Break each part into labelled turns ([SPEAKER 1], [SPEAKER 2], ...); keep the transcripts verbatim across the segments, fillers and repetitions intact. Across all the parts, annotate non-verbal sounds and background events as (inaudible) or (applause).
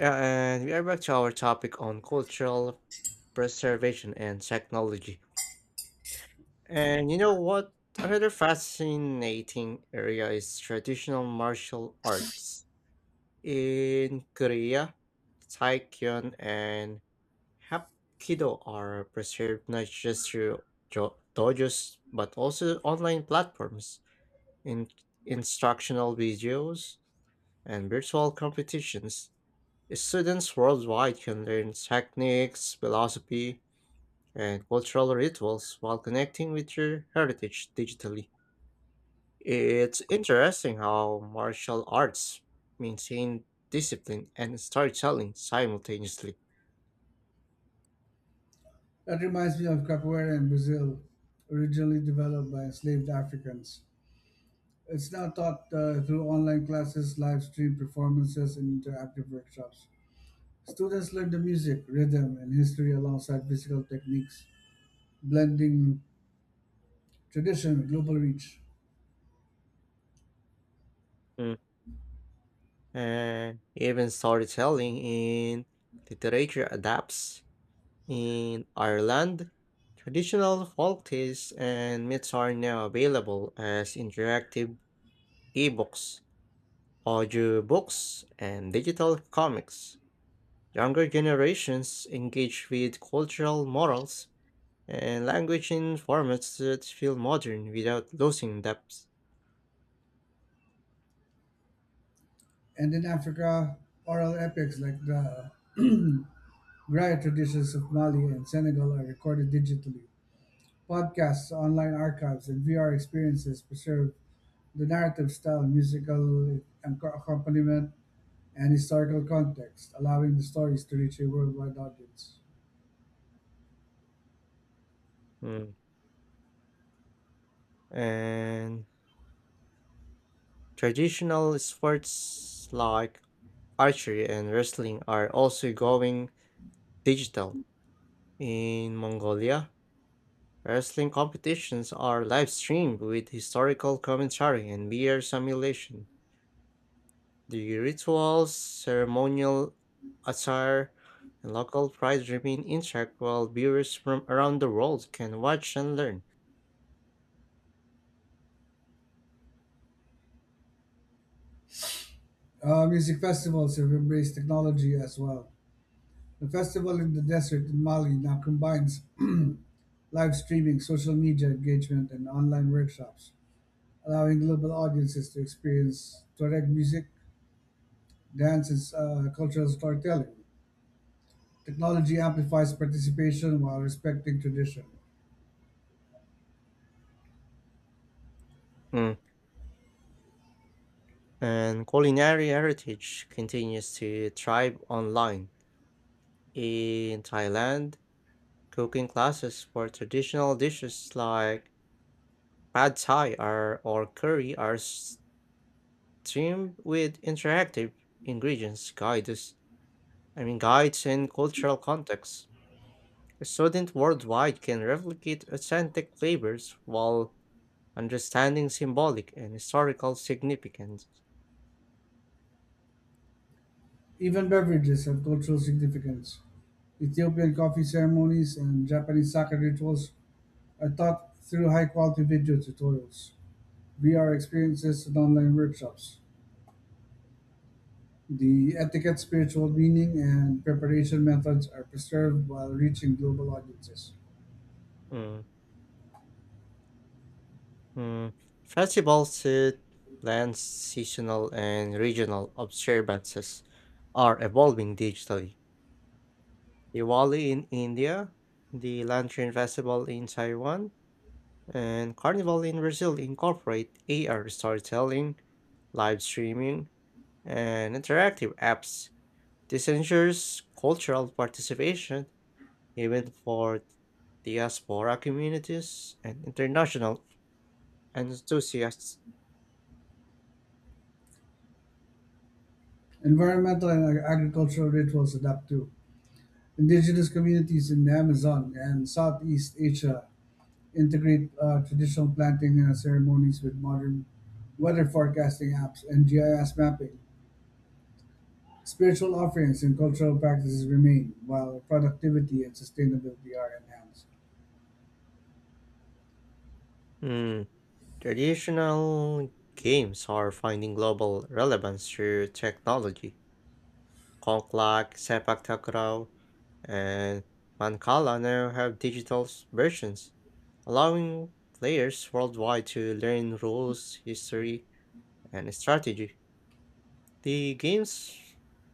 [SPEAKER 1] Yeah, and we are back to our topic on cultural preservation and technology. And you know what? Another fascinating area is traditional martial arts. In Korea, Taekwon and Hapkido are preserved not just through jo- dojos but also online platforms, in- instructional videos, and virtual competitions. Students worldwide can learn techniques, philosophy, and cultural rituals while connecting with your heritage digitally. It's interesting how martial arts maintain discipline and storytelling simultaneously. Mm. And even storytelling in literature adapts. In Ireland, traditional folk tales and myths are now available as interactive ebooks, audiobooks, and digital comics. Younger generations engage with cultural morals and language in formats that feel modern without losing depth. Mm. And traditional sports like archery and wrestling are also going digital. In Mongolia, wrestling competitions are live streamed with historical commentary and V R simulation. The rituals, ceremonial attire, and local pride remain intact while viewers from around the world can watch and learn. Mm. And culinary heritage continues to thrive online. In Thailand, cooking classes for traditional dishes like pad thai are, or curry are streamed with interactive ingredients guides. I mean guides and cultural contexts. Students worldwide can replicate authentic flavors while understanding symbolic and historical significance. Mm, mm. Festivals that blend seasonal and regional observances are evolving digitally. Diwali in India, the Lantern Festival in Taiwan, and Carnival in Brazil incorporate A R storytelling, live streaming, and interactive apps. This ensures cultural participation even for diaspora communities and international enthusiasts. Mm, Traditional games are finding global relevance through technology. Conklak, Sepak Takraw, and Mancala now have digital s- versions, allowing players worldwide to learn rules, history, and strategy. The games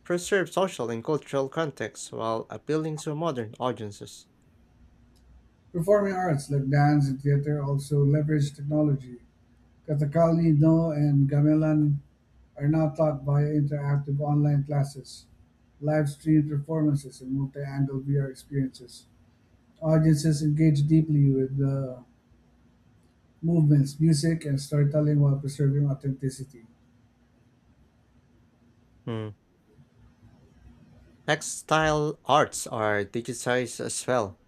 [SPEAKER 1] preserve social and cultural context while appealing to modern audiences. Hmm. Textile arts are digitized as well.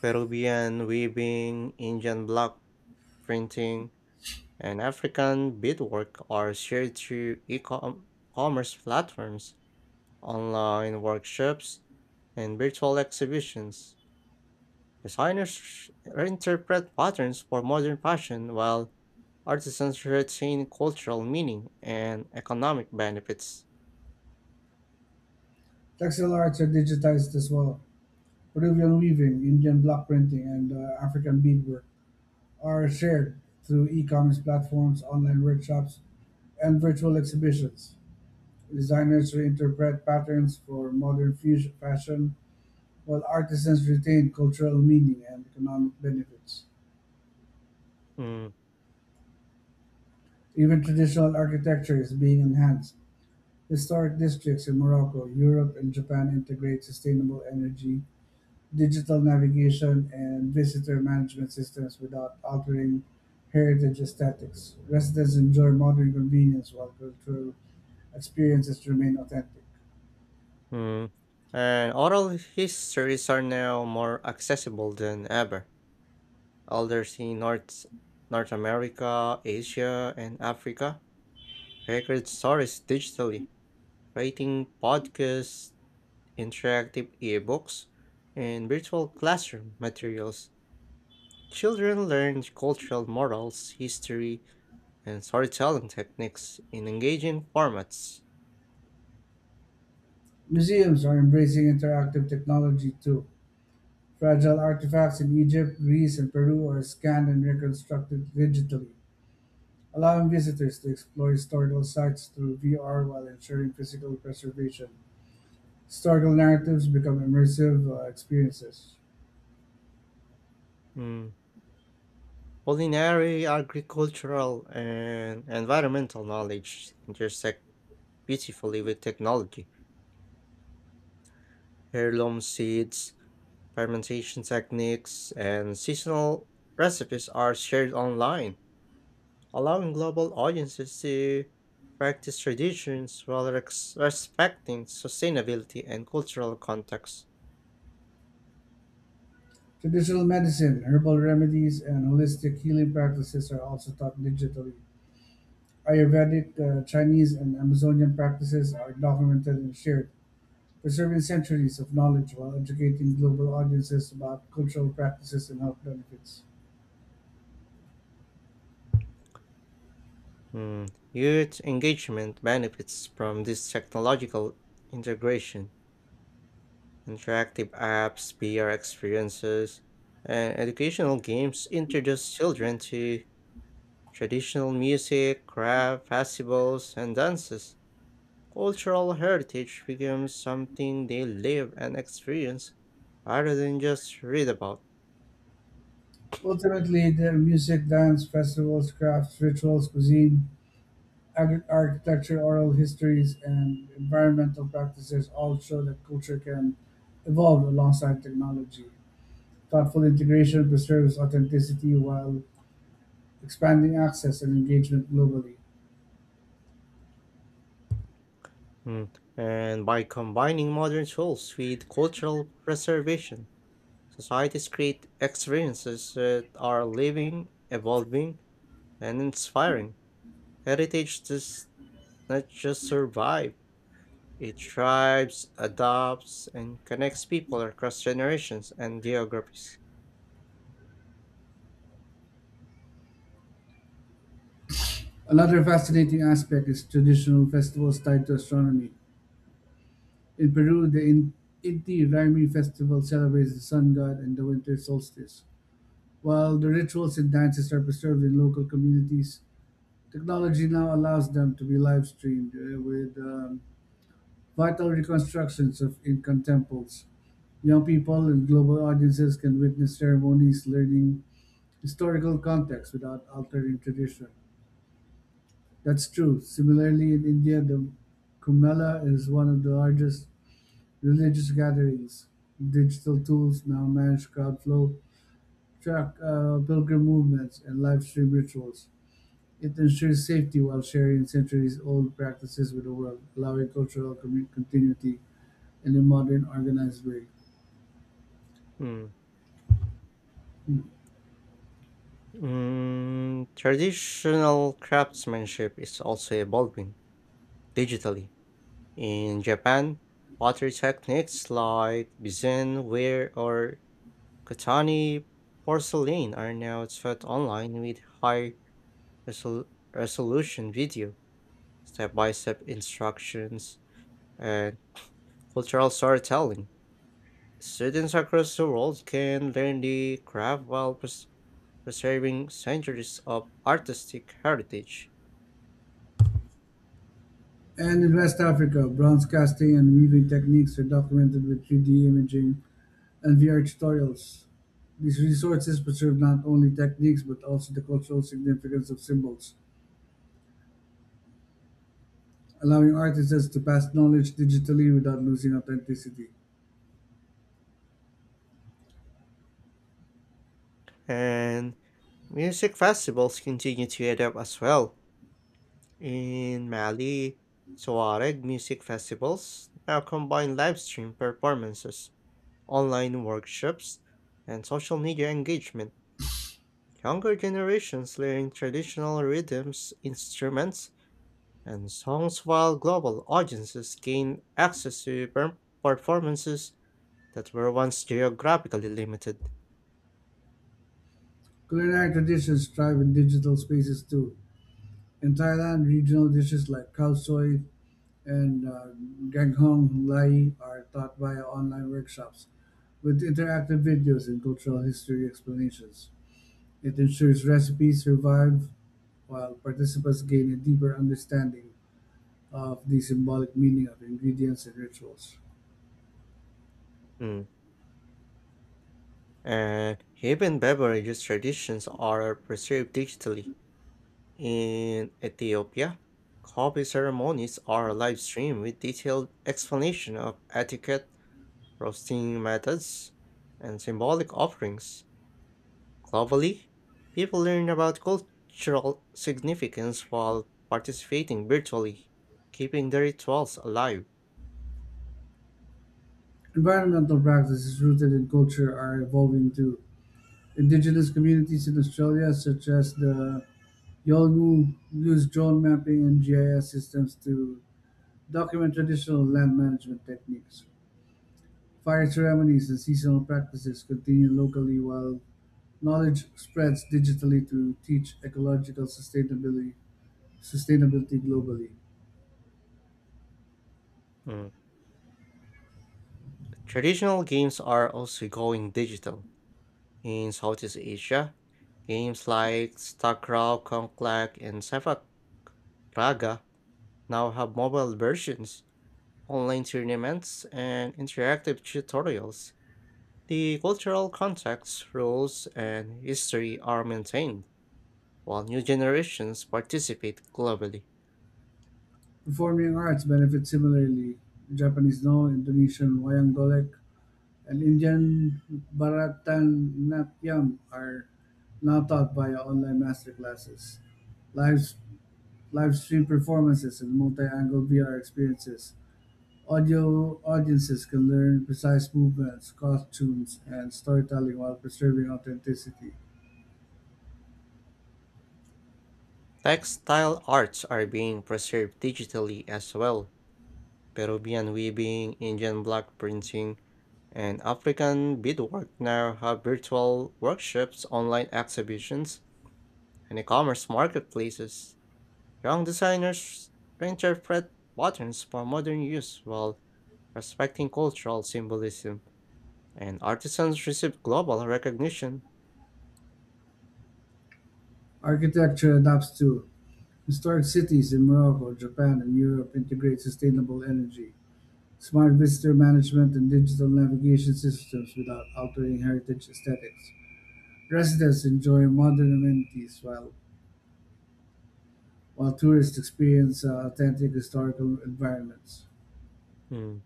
[SPEAKER 1] Peruvian weaving, Indian block printing, and African beadwork are shared through e-commerce platforms, online workshops, and virtual exhibitions. Designers reinterpret patterns for modern fashion while artisans retain cultural meaning and economic benefits. Hmm And oral histories are now more accessible than ever. Elders in North, North America, Asia, and Africa record stories digitally, writing podcasts, interactive ebooks, and virtual classroom materials. Children learn cultural morals, history, and storytelling techniques in engaging formats. Mm, Culinary, agricultural, and environmental knowledge intersect beautifully with technology. Heirloom seeds, fermentation techniques, and seasonal recipes are shared online, allowing global audiences to practice traditions while rex- respecting sustainability and cultural context. Hmm. Youth engagement benefits from this technological integration. Interactive apps, V R experiences, and educational games introduce children to traditional music, craft, festivals, and dances. Cultural heritage becomes something they live and experience rather than just read about. Hmm. And by combining modern tools with cultural preservation, societies create experiences that are living, evolving, and inspiring. Heritage does not just survive, it thrives, adopts, and connects people across generations and geographies. Hmm. Mm, traditional craftsmanship is also evolving digitally. In Japan, pottery techniques like bizen ware or katani porcelain are now taught online with high resol- resolution video, step by step instructions, and cultural storytelling. Students across the world can learn the craft while pres- preserving centuries of artistic heritage. And music festivals continue to adapt as well. In Mali, Tuareg music festivals now combine live stream performances, online workshops, and social media engagement. Younger generations learn traditional rhythms, instruments, and songs while global audiences gain access to per- performances that were once geographically limited. Mm. And even beverages traditions are preserved digitally. In Ethiopia, coffee ceremonies are live streamed with detailed explanation of etiquette, roasting methods, and symbolic offerings. Globally, people learn about cultural significance while participating virtually, keeping the rituals alive. Mm. Traditional games are also going digital. In Southeast Asia, games like StarCraft, Conclave, and Sepak Raga now have mobile versions, online tournaments, and interactive tutorials. The cultural context, rules, and history are maintained while new generations participate globally. Textile arts are being preserved digitally as well. Peruvian weaving, Indian block printing, and African beadwork now have virtual workshops, online exhibitions, and e commerce marketplaces. Young designers reinterpret patterns for modern use while respecting cultural symbolism, and artisans receive global recognition. Hmm.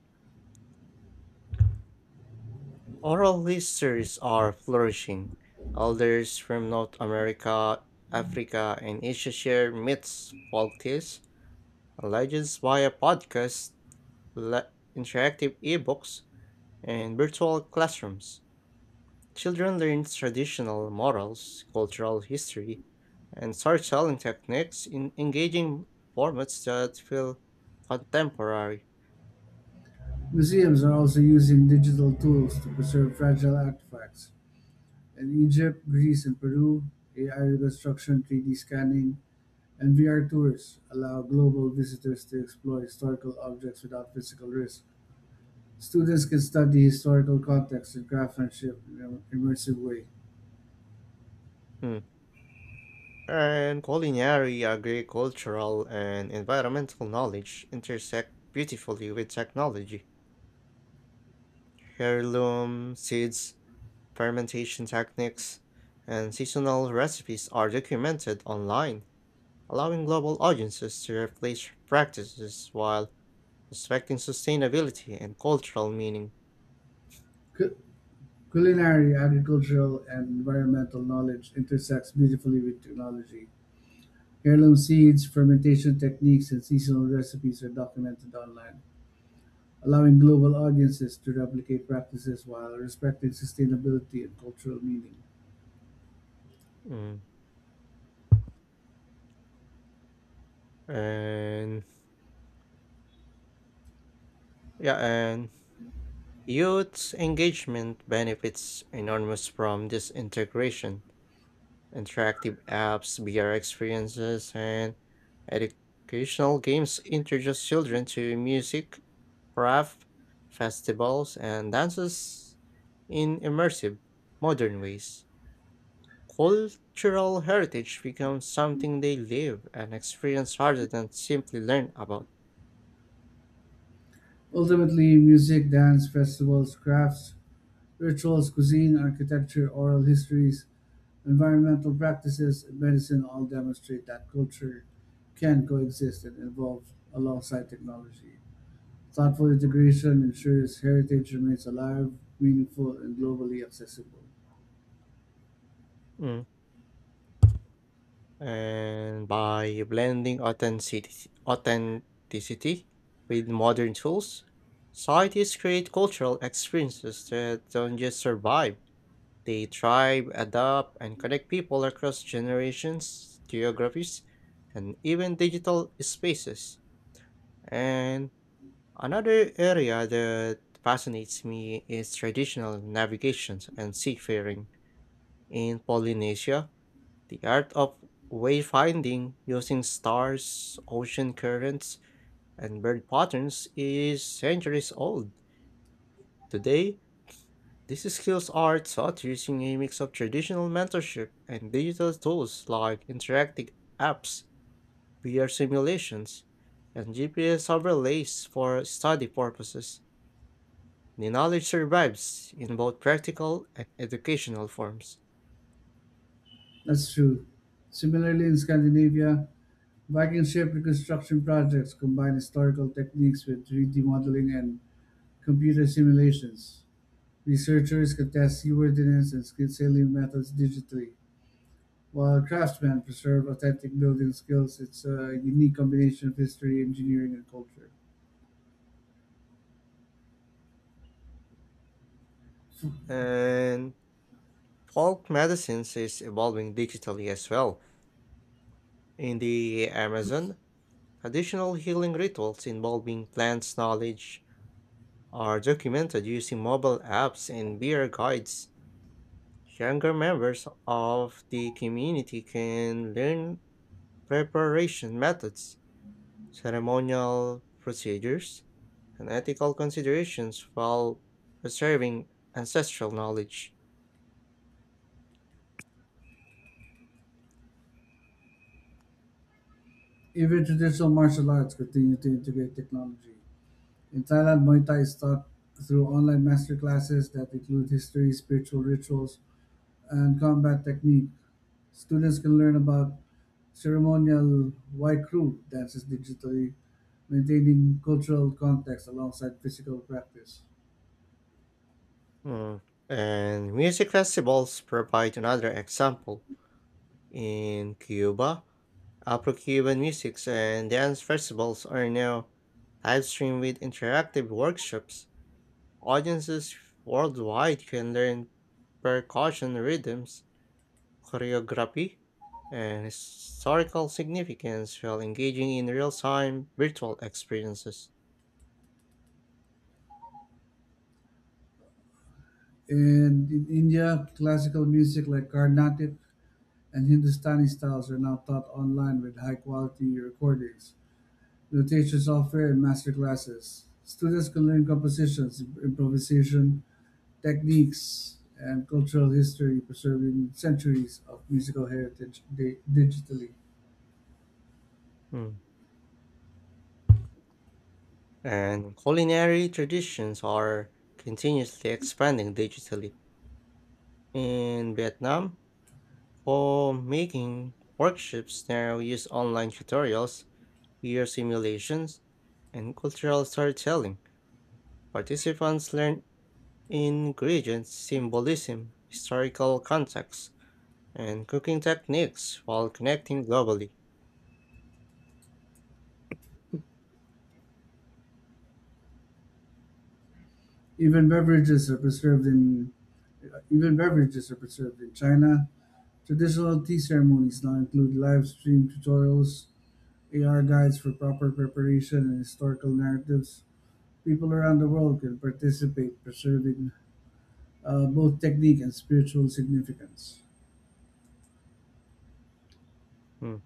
[SPEAKER 1] Oral histories are flourishing. Elders from North America, Africa, and Asia share myths, folk tales, and legends via podcasts, le- interactive ebooks, and virtual classrooms. Children learn traditional morals, cultural history, and storytelling techniques in engaging formats that feel contemporary. Hmm. And culinary, agricultural, and environmental knowledge intersect beautifully with technology. Heirloom seeds, fermentation techniques, and seasonal recipes are documented online, allowing global audiences to replace practices while respecting sustainability and cultural meaning. Mm. And yeah, and youth engagement benefits enormous from this integration. Interactive apps, V R experiences, and educational games introduce children to music, craft, festivals, and dances in immersive, modern ways. Cultural heritage becomes something they live and experience rather than simply learn about. And by blending authenticity, authenticity with modern tools, societies create cultural experiences that don't just survive, they thrive, adapt, and connect people across generations, geographies, and even digital spaces. And another area that fascinates me is traditional navigations and seafaring in Polynesia. The art of wayfinding using stars, ocean currents, and bird patterns is centuries old. Today, these skills are taught using a mix of traditional mentorship and digital tools like interactive apps, V R simulations, and G P S overlays for study purposes. The knowledge survives in both practical and educational forms. And folk medicines is evolving digitally as well. In the Amazon, traditional healing rituals involving plants knowledge are documented using mobile apps and beer guides. Younger members of the community can learn preparation methods, ceremonial procedures, and ethical considerations while preserving ancestral knowledge. Mm. And music festivals provide another example. In Cuba, Afro-Cuban musics and dance festivals are now live streamed with interactive workshops. Audiences worldwide can learn percussion rhythms, choreography, and historical significance while engaging in real-time virtual experiences. Mm. And culinary traditions are continuously expanding digitally. In Vietnam, for making workshops now use online tutorials, peer simulations, and cultural storytelling. Participants learn ingredients, symbolism, historical context, and cooking techniques while connecting globally. Hmm.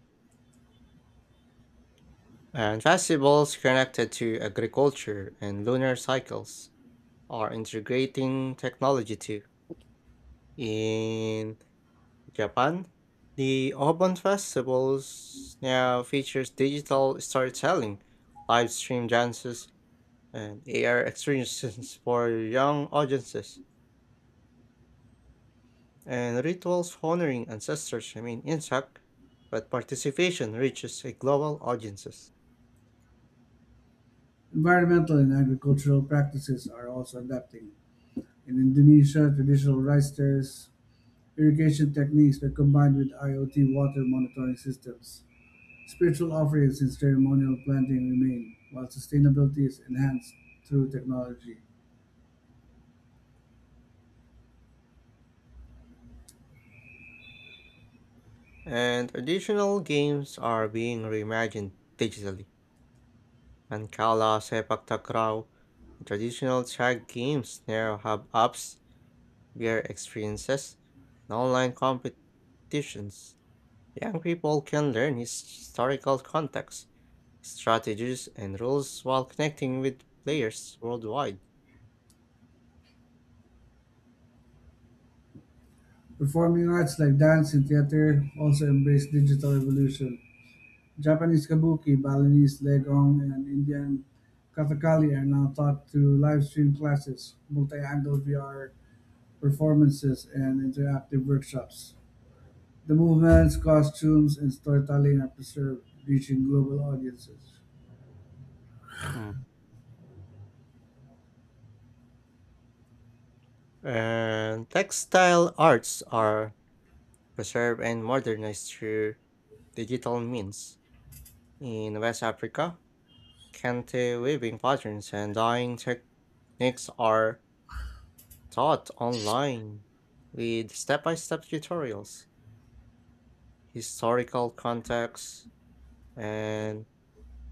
[SPEAKER 1] And festivals connected to agriculture and lunar cycles are integrating technology too. In Japan, the Obon Festivals now features digital storytelling, live stream dances, and A R experiences (laughs) for young audiences, and rituals honoring ancestors remain intact, but participation reaches a global audiences. And additional games are being reimagined digitally. Mancala, Sepak Takraw, and traditional tag games now have apps, beer experiences, and online competitions. Young people can learn historical context, strategies, and rules while connecting with players worldwide. Hmm. And textile arts are preserved and modernized through digital means. In West Africa, kente weaving patterns and dyeing techniques are taught online with step by step tutorials, historical context, and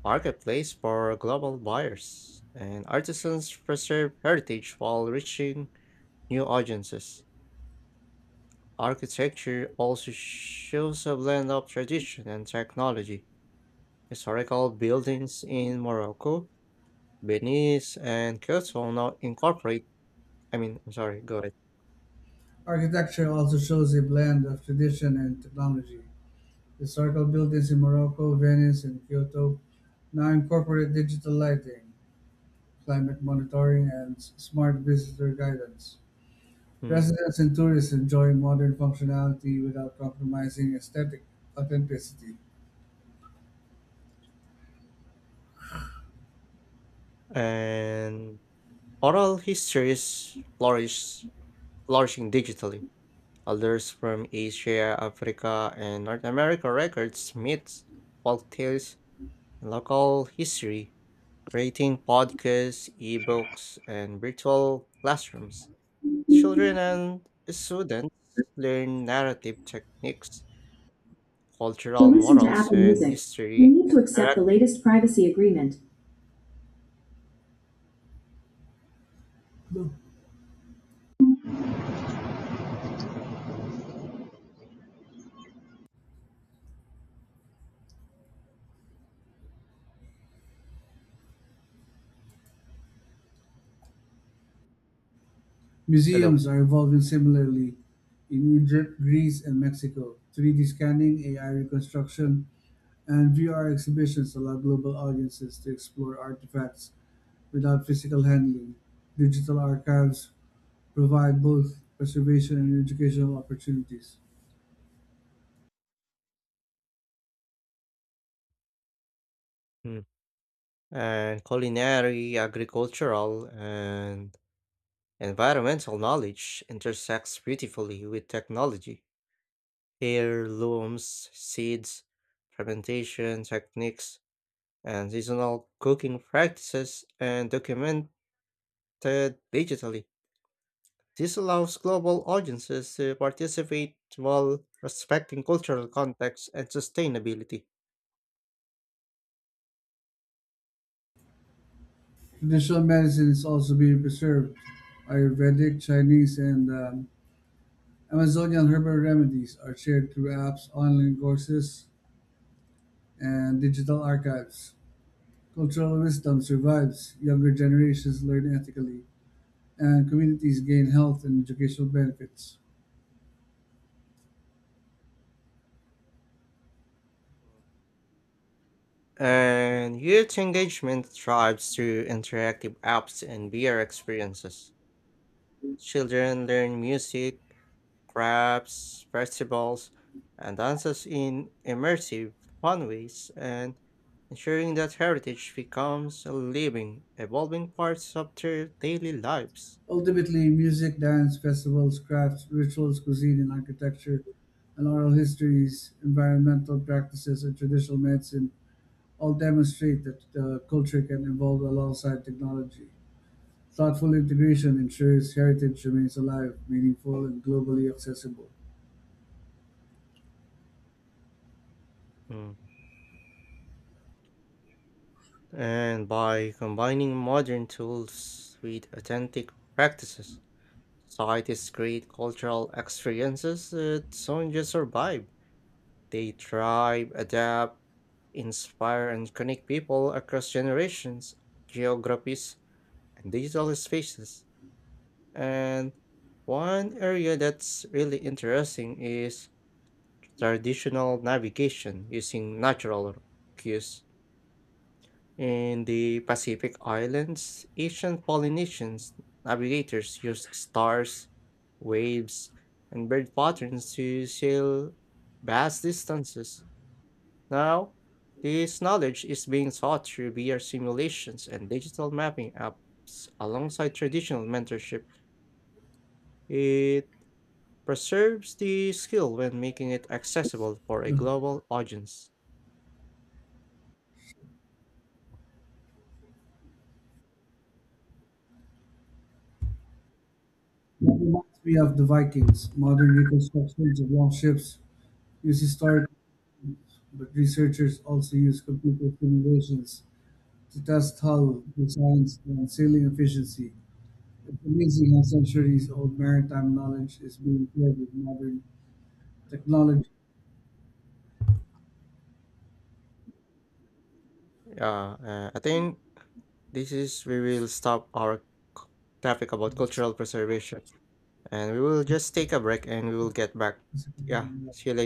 [SPEAKER 1] marketplace for global buyers. And artisans preserve heritage while reaching new audiences. Architecture also shows a blend of tradition and technology. Historical buildings in Morocco, Venice, and Kyoto now incorporate, I mean, I'm sorry, go ahead. Mm. And oral histories flourish, flourishing digitally. Others from Asia, Africa, and North America records myths, folktales, and local history, creating podcasts, ebooks, and virtual classrooms. Children and students learn narrative techniques,
[SPEAKER 2] To
[SPEAKER 1] cultural
[SPEAKER 2] listen to
[SPEAKER 1] morals,
[SPEAKER 2] Apple
[SPEAKER 1] and
[SPEAKER 2] Music, you
[SPEAKER 1] history
[SPEAKER 2] need to accept the
[SPEAKER 1] interact.
[SPEAKER 2] latest privacy agreement,
[SPEAKER 1] Hello. Mm. And culinary, agricultural, and environmental knowledge intersects beautifully with technology. Heirlooms, seeds, fermentation techniques, and seasonal cooking practices and documented digitally. This allows global audiences to participate while respecting cultural context and sustainability. And youth engagement thrives through interactive apps and V R experiences. Children learn music, crafts, festivals, and dances in immersive, fun ways, and ensuring that heritage becomes a living, evolving part of their daily lives. Mm. And by combining modern tools with authentic practices, societies create cultural experiences that don't just survive, they thrive, adapt, inspire, and connect people across generations, geographies, and digital spaces. And one area that's really interesting is traditional navigation using natural cues. In the Pacific Islands, ancient Polynesians navigators used stars, waves, and bird patterns to sail vast distances. Now, this knowledge is being taught through V R simulations and digital mapping apps alongside traditional mentorship. It preserves the skill when making it accessible for a global audience. Yeah, uh, I think this is we will stop our c- topic about cultural preservation, and we will just take a break and we will get back. Yeah, see you